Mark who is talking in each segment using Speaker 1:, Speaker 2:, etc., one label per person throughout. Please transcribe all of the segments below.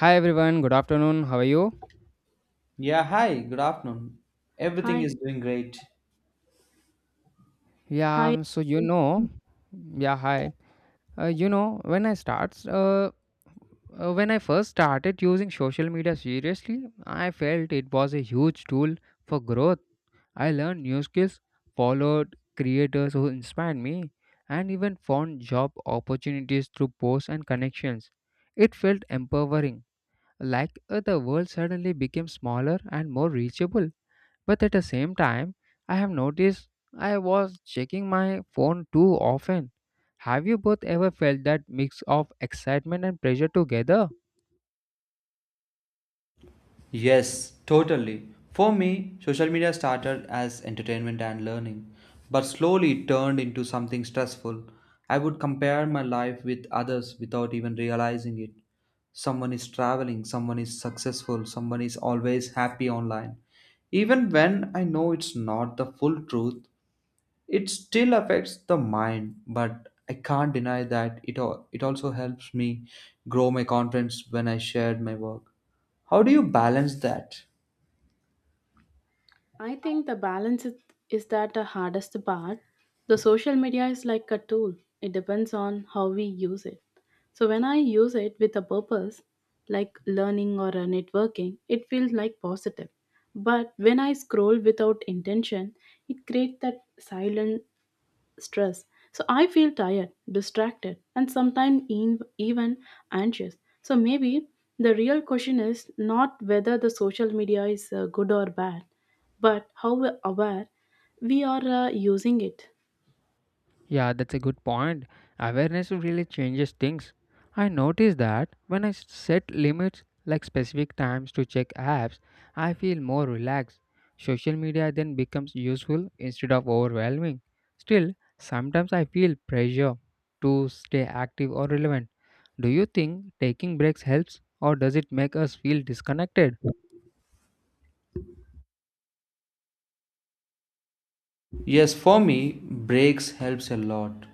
Speaker 1: Hi everyone, good afternoon. How are you?
Speaker 2: Yeah, hi, good afternoon. Everything
Speaker 3: Hi,
Speaker 2: is doing great.
Speaker 3: hi.
Speaker 1: Yeah, so you know, yeah, hi. Uh, you know, when I starts, uh, when I first started using social media seriously, I felt it was a huge tool for growth. I learned new skills, followed creators who inspired me, and even found job opportunities through posts and connections. It felt empowering, like the world suddenly became smaller and more reachable. But at the same time, I have noticed I was checking my phone too often. Have you both ever felt that mix of excitement and pressure together?
Speaker 2: Yes, totally. For me, social media started as entertainment and learning, but slowly it turned into something stressful. I would compare my life with others without even realizing it. Someone is traveling, someone is successful, someone is always happy online. Even when I know it's not the full truth, it still affects the mind, but I can't deny that it also helps me grow my confidence when I shared my work. How do you balance that?
Speaker 3: I think the balance is that the hardest part. The social media is like a tool. It depends on how we use it. So when I use it with a purpose, like learning or networking, it feels like positive. But when I scroll without intention, it creates that silent stress. So I feel tired, distracted, and even anxious. So maybe the real question is not whether the social media is good or bad, but how aware we are using it.
Speaker 1: Yeah, that's a good point. Awareness really changes things. I noticed that when I set limits like specific times to check apps, I feel more relaxed. Social media then becomes useful instead of overwhelming. Still, sometimes I feel pressure to stay active or relevant. Do you think taking breaks helps or does it make us feel disconnected?
Speaker 2: Yes, for me, breaks helps a lot.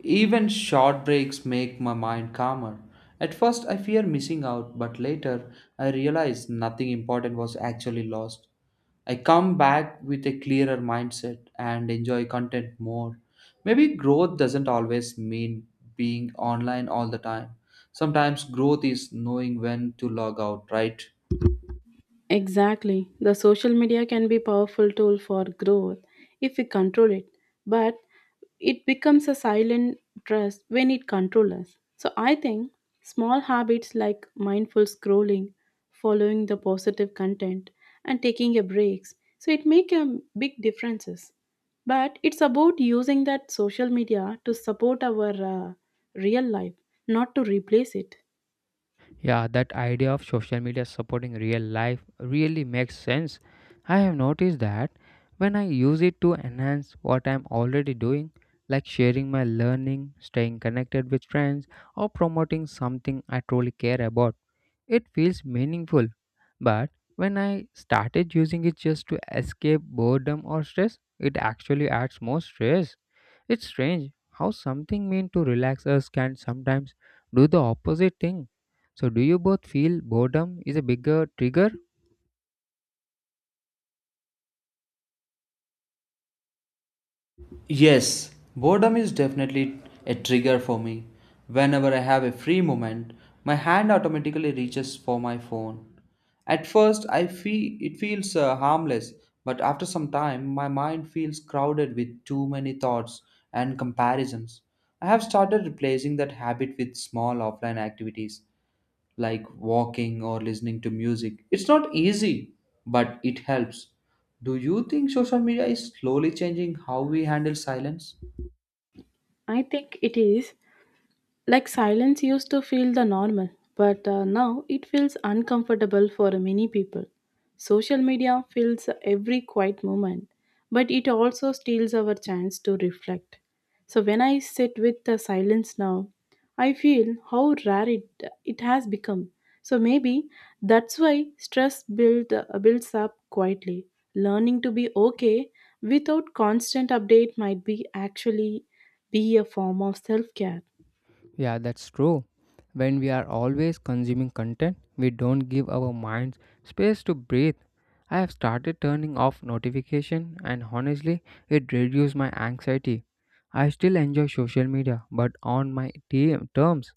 Speaker 2: Even short breaks make my mind calmer. At first, I fear missing out, but later, I realize nothing important was actually lost. I come back with a clearer mindset and enjoy content more. Maybe growth doesn't always mean being online all the time. Sometimes growth is knowing when to log out, right?
Speaker 3: Exactly. The social media can be powerful tool for growth if we control it, but it becomes a silent trust when it controls us. So I think small habits like mindful scrolling, following the positive content and taking a breaks, so it make a big differences. But it's about using that social media to support our uh, real life, not to replace it.
Speaker 1: Yeah, that idea of social media supporting real life really makes sense. I have noticed that when I use it to enhance what I'm already doing, like sharing my learning, staying connected with friends, or promoting something I truly care about, it feels meaningful, but when I started using it just to escape boredom or stress, it actually adds more stress. It's strange how something meant to relax us can sometimes do the opposite thing. So, do you both feel boredom is a bigger trigger?
Speaker 2: Yes, boredom is definitely a trigger for me. Whenever I have a free moment, my hand automatically reaches for my phone. At first, I feel it feels harmless, but after some time, my mind feels crowded with too many thoughts and comparisons. I have started replacing that habit with small offline activities like walking or listening to music. It's not easy, but it helps. Do you think social media is slowly changing how we handle silence?
Speaker 3: I think it is. Like silence used to feel the normal, but now it feels uncomfortable for many people. Social media fills every quiet moment, but it also steals our chance to reflect. So when I sit with the silence now, I feel how rare it has become. So maybe that's why builds up quietly. Learning to be okay without constant update might be actually be a form of self-care.
Speaker 1: Yeah, that's true. When we are always consuming content, we don't give our minds space to breathe. I have started turning off notification and honestly, it reduced my anxiety. I still enjoy social media, but on my terms.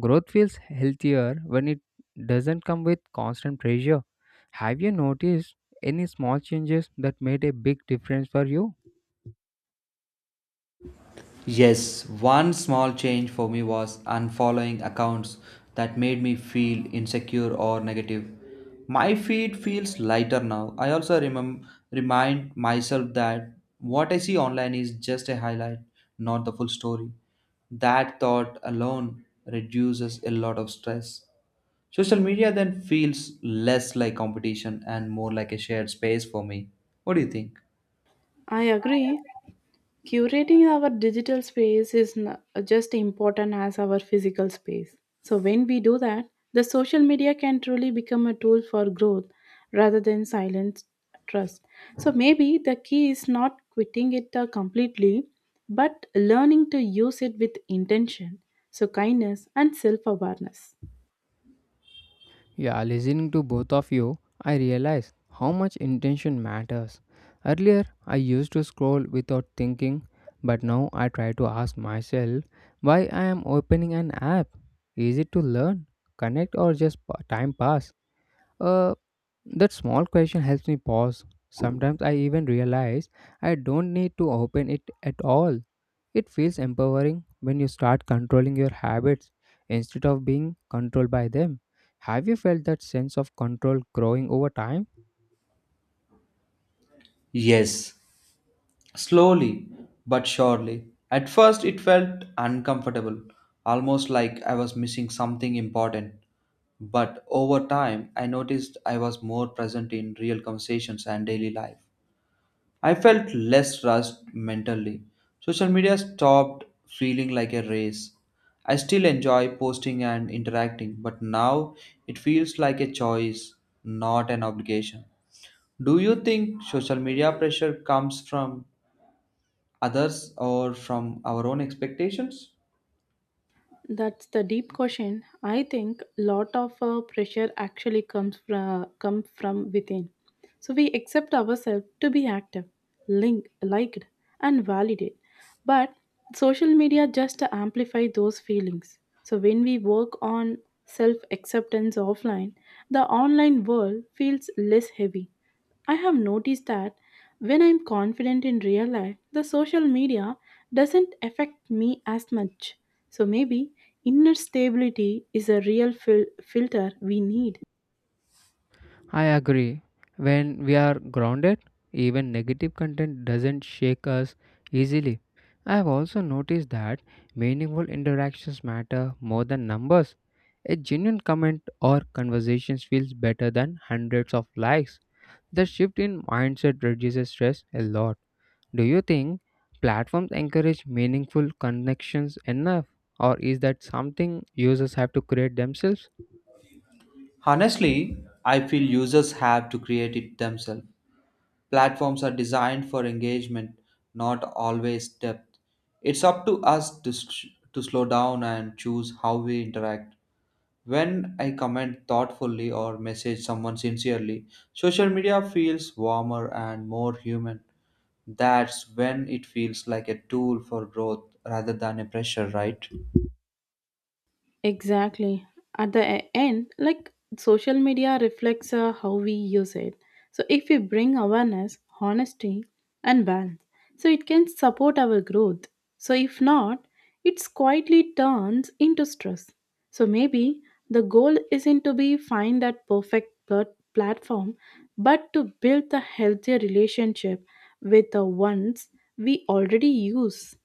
Speaker 1: Growth feels healthier when it doesn't come with constant pressure. Have you noticed any small changes that made a big difference for you?
Speaker 2: Yes, one small change for me was unfollowing accounts that made me feel insecure or negative. My feed feels lighter now. I also remind myself that what I see online is just a highlight, not the full story. That thought alone reduces a lot of stress. Social media then feels less like competition and more like a shared space for me. What do you think?
Speaker 3: I agree. Curating our digital space is just important as our physical space. So, when we do that, the social media can truly become a tool for growth rather than silent trust. So, maybe the key is not quitting it completely, but learning to use it with intention, so kindness and self awareness.
Speaker 1: Yeah, listening to both of you, I realize how much intention matters. Earlier, I used to scroll without thinking, but now I try to ask myself why I am opening an app. Is it to learn, connect, or just time pass? Uh, that small question helps me pause. Sometimes I even realize I don't need to open it at all. It feels empowering when you start controlling your habits instead of being controlled by them. Have you felt that sense of control growing over time?
Speaker 2: Yes, slowly but surely. At first, it felt uncomfortable, almost like I was missing something important. But over time, I noticed I was more present in real conversations and daily life. I felt less rushed mentally. Social media stopped feeling like a race. I still enjoy posting and interacting, but now it feels like a choice, not an obligation. Do you think social media pressure comes from others or from our own expectations?
Speaker 3: That's the deep question. I think lot of pressure actually come from within. So we accept ourselves to be active, linked, liked, and validated. But social media just amplify those feelings. So when we work on self acceptance offline, the online world feels less heavy. I have noticed that when I'm confident in real life, the social media doesn't affect me as much. So maybe inner stability is a real filter we need.
Speaker 1: I agree. When we are grounded, even negative content doesn't shake us easily. I have also noticed that meaningful interactions matter more than numbers. A genuine comment or conversation feels better than hundreds of likes. The shift in mindset reduces stress a lot. Do you think platforms encourage meaningful connections enough, or is that something users have to create themselves?
Speaker 2: Honestly, I feel users have to create it themselves. Platforms are designed for engagement, not always depth. It's up to us to slow down and choose how we interact. When I comment thoughtfully or message someone sincerely, social media feels warmer and more human. That's when it feels like a tool for growth rather than a pressure, right?
Speaker 3: Exactly. At the end, like social media reflects how we use it. So if we bring awareness, honesty, and balance, so it can support our growth. So if not, it quietly turns into stress. So maybe the goal isn't to be find that perfect platform, but to build the healthier relationship with the ones we already use.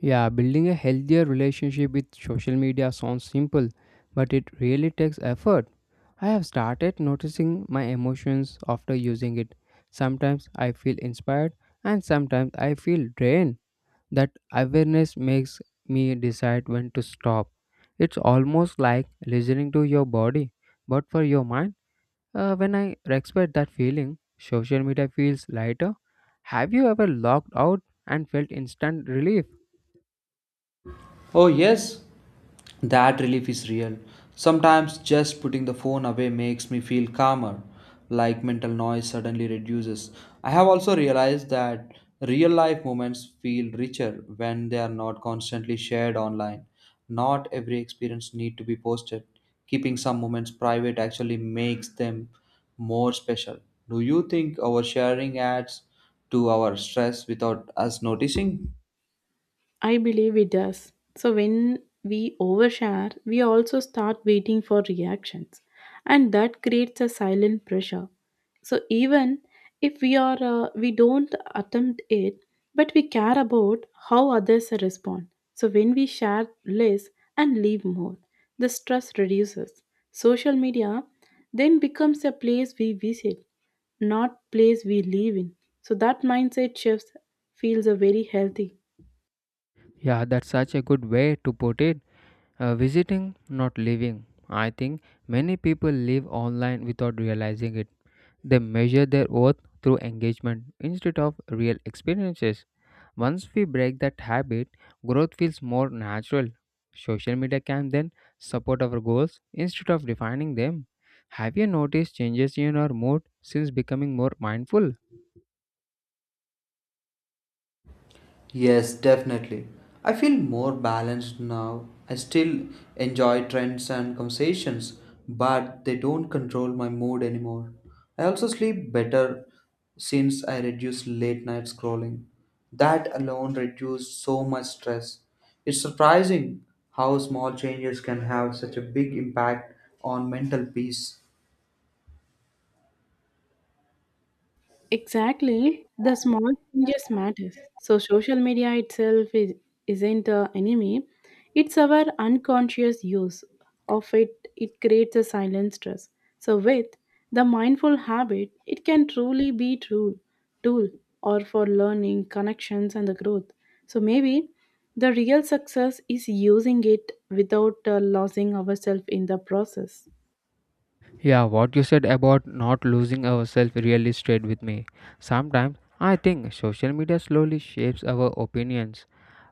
Speaker 1: Yeah, building a healthier relationship with social media sounds simple, but it really takes effort. I have started noticing my emotions after using it. Sometimes I feel inspired and sometimes I feel drained. That awareness makes me decide when to stop. It's almost like listening to your body, but for your mind. When I respect that feeling, social media feels lighter. Have you ever logged out and felt instant relief?
Speaker 2: Oh, yes, that relief is real. Sometimes just putting the phone away makes me feel calmer, like mental noise suddenly reduces. I have also realized that real life moments feel richer when they are not constantly shared online. Not every experience need to be posted. Keeping some moments private actually makes them more special. Do you think our sharing adds to our stress without us noticing?
Speaker 3: I believe it does. So when we overshare, we also start waiting for reactions, and that creates a silent pressure. So even if we don't attempt it, but we care about how others respond. So when we share less and leave more, the stress reduces. Social media then becomes a place we visit, not place we live in. So that mindset shift feels very healthy.
Speaker 1: Yeah, that's such a good way to put it. Visiting, not living. I think many people live online without realizing it. They measure their worth through engagement instead of real experiences. Once we break that habit, growth feels more natural. Social media can then support our goals instead of defining them. Have you noticed changes in our mood since becoming more mindful?
Speaker 2: Yes, definitely. I feel more balanced now. I still enjoy trends and conversations, but they don't control my mood anymore. I also sleep better since I reduced late night scrolling. That alone reduced so much stress. It's surprising how small changes can have such a big impact on mental peace.
Speaker 3: Exactly, the small changes matters. So social media isn't an enemy; it's our unconscious use of it. It creates a silent stress. So with the mindful habit, it can truly be true tool or for learning, connections, and the growth. So maybe the real success is using it without losing ourselves in the process.
Speaker 1: Yeah, what you said about not losing ourselves really stayed with me. Sometimes I think social media slowly shapes our opinions,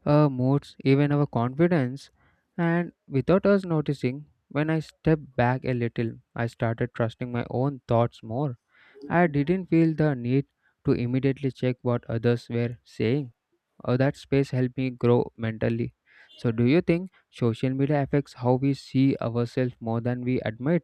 Speaker 1: our moods, even our confidence. And without us noticing, when I stepped back a little, I started trusting my own thoughts more. I didn't feel the need to immediately check what others were saying, or that space helped me grow mentally. So, do you think social media affects how we see ourselves more than we admit?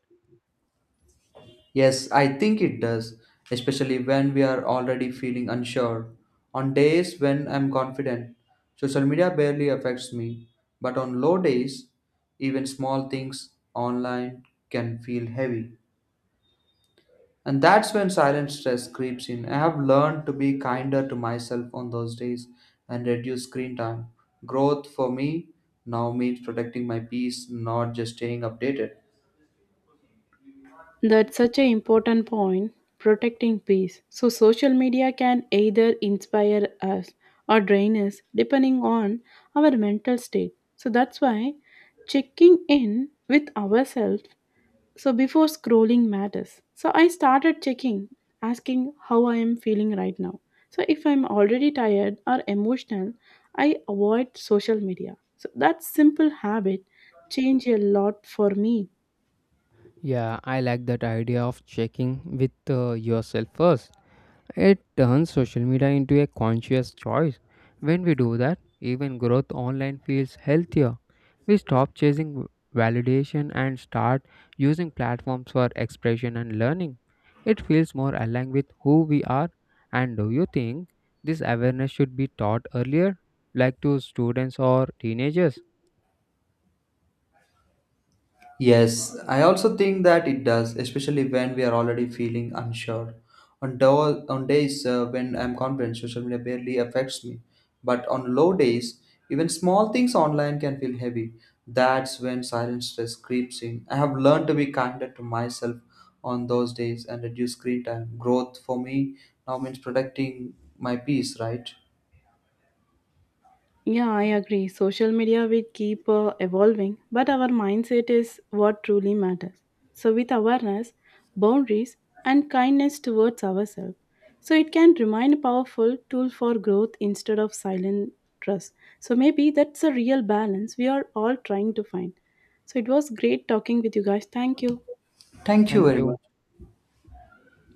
Speaker 2: Yes, I think it does, especially when we are already feeling unsure. On days when I'm confident, social media barely affects me, but on low days, even small things online can feel heavy. And that's when silent stress creeps in. I have learned to be kinder to myself on those days and reduce screen time. Growth for me now means protecting my peace, not just staying updated.
Speaker 3: That's such an important point protecting peace. So, social media can either inspire us or drain us depending on our mental state. So, that's why checking in with ourselves so before scrolling matters. So, I started checking, asking how I am feeling right now. So, if I'm already tired or emotional, I avoid social media. So, that simple habit changed a lot for me.
Speaker 1: Yeah, I like that idea of checking with yourself first. It turns social media into a conscious choice. When we do that, even growth online feels healthier. We stop chasing validation and start using platforms for expression and learning. It feels more aligned with who we are. And do you think this awareness should be taught earlier, like to students or teenagers?
Speaker 2: Yes, I also think that it does, especially when we are already feeling unsure. On days when I'm confident, social media barely affects me. But on low days, even small things online can feel heavy. That's when silent stress creeps in. I have learned to be kinder to myself on those days and reduce screen time. Growth for me now means protecting my peace, right?
Speaker 3: Yeah, I agree. Social media will keep evolving, but our mindset is what truly matters. So, with awareness, boundaries, and kindness towards ourselves, so it can remain a powerful tool for growth instead of silent trust. So, maybe that's a real balance we are all trying to find. So, it was great talking with you guys. Thank you.
Speaker 2: Thank you
Speaker 1: Thank
Speaker 2: very
Speaker 1: you.
Speaker 2: much.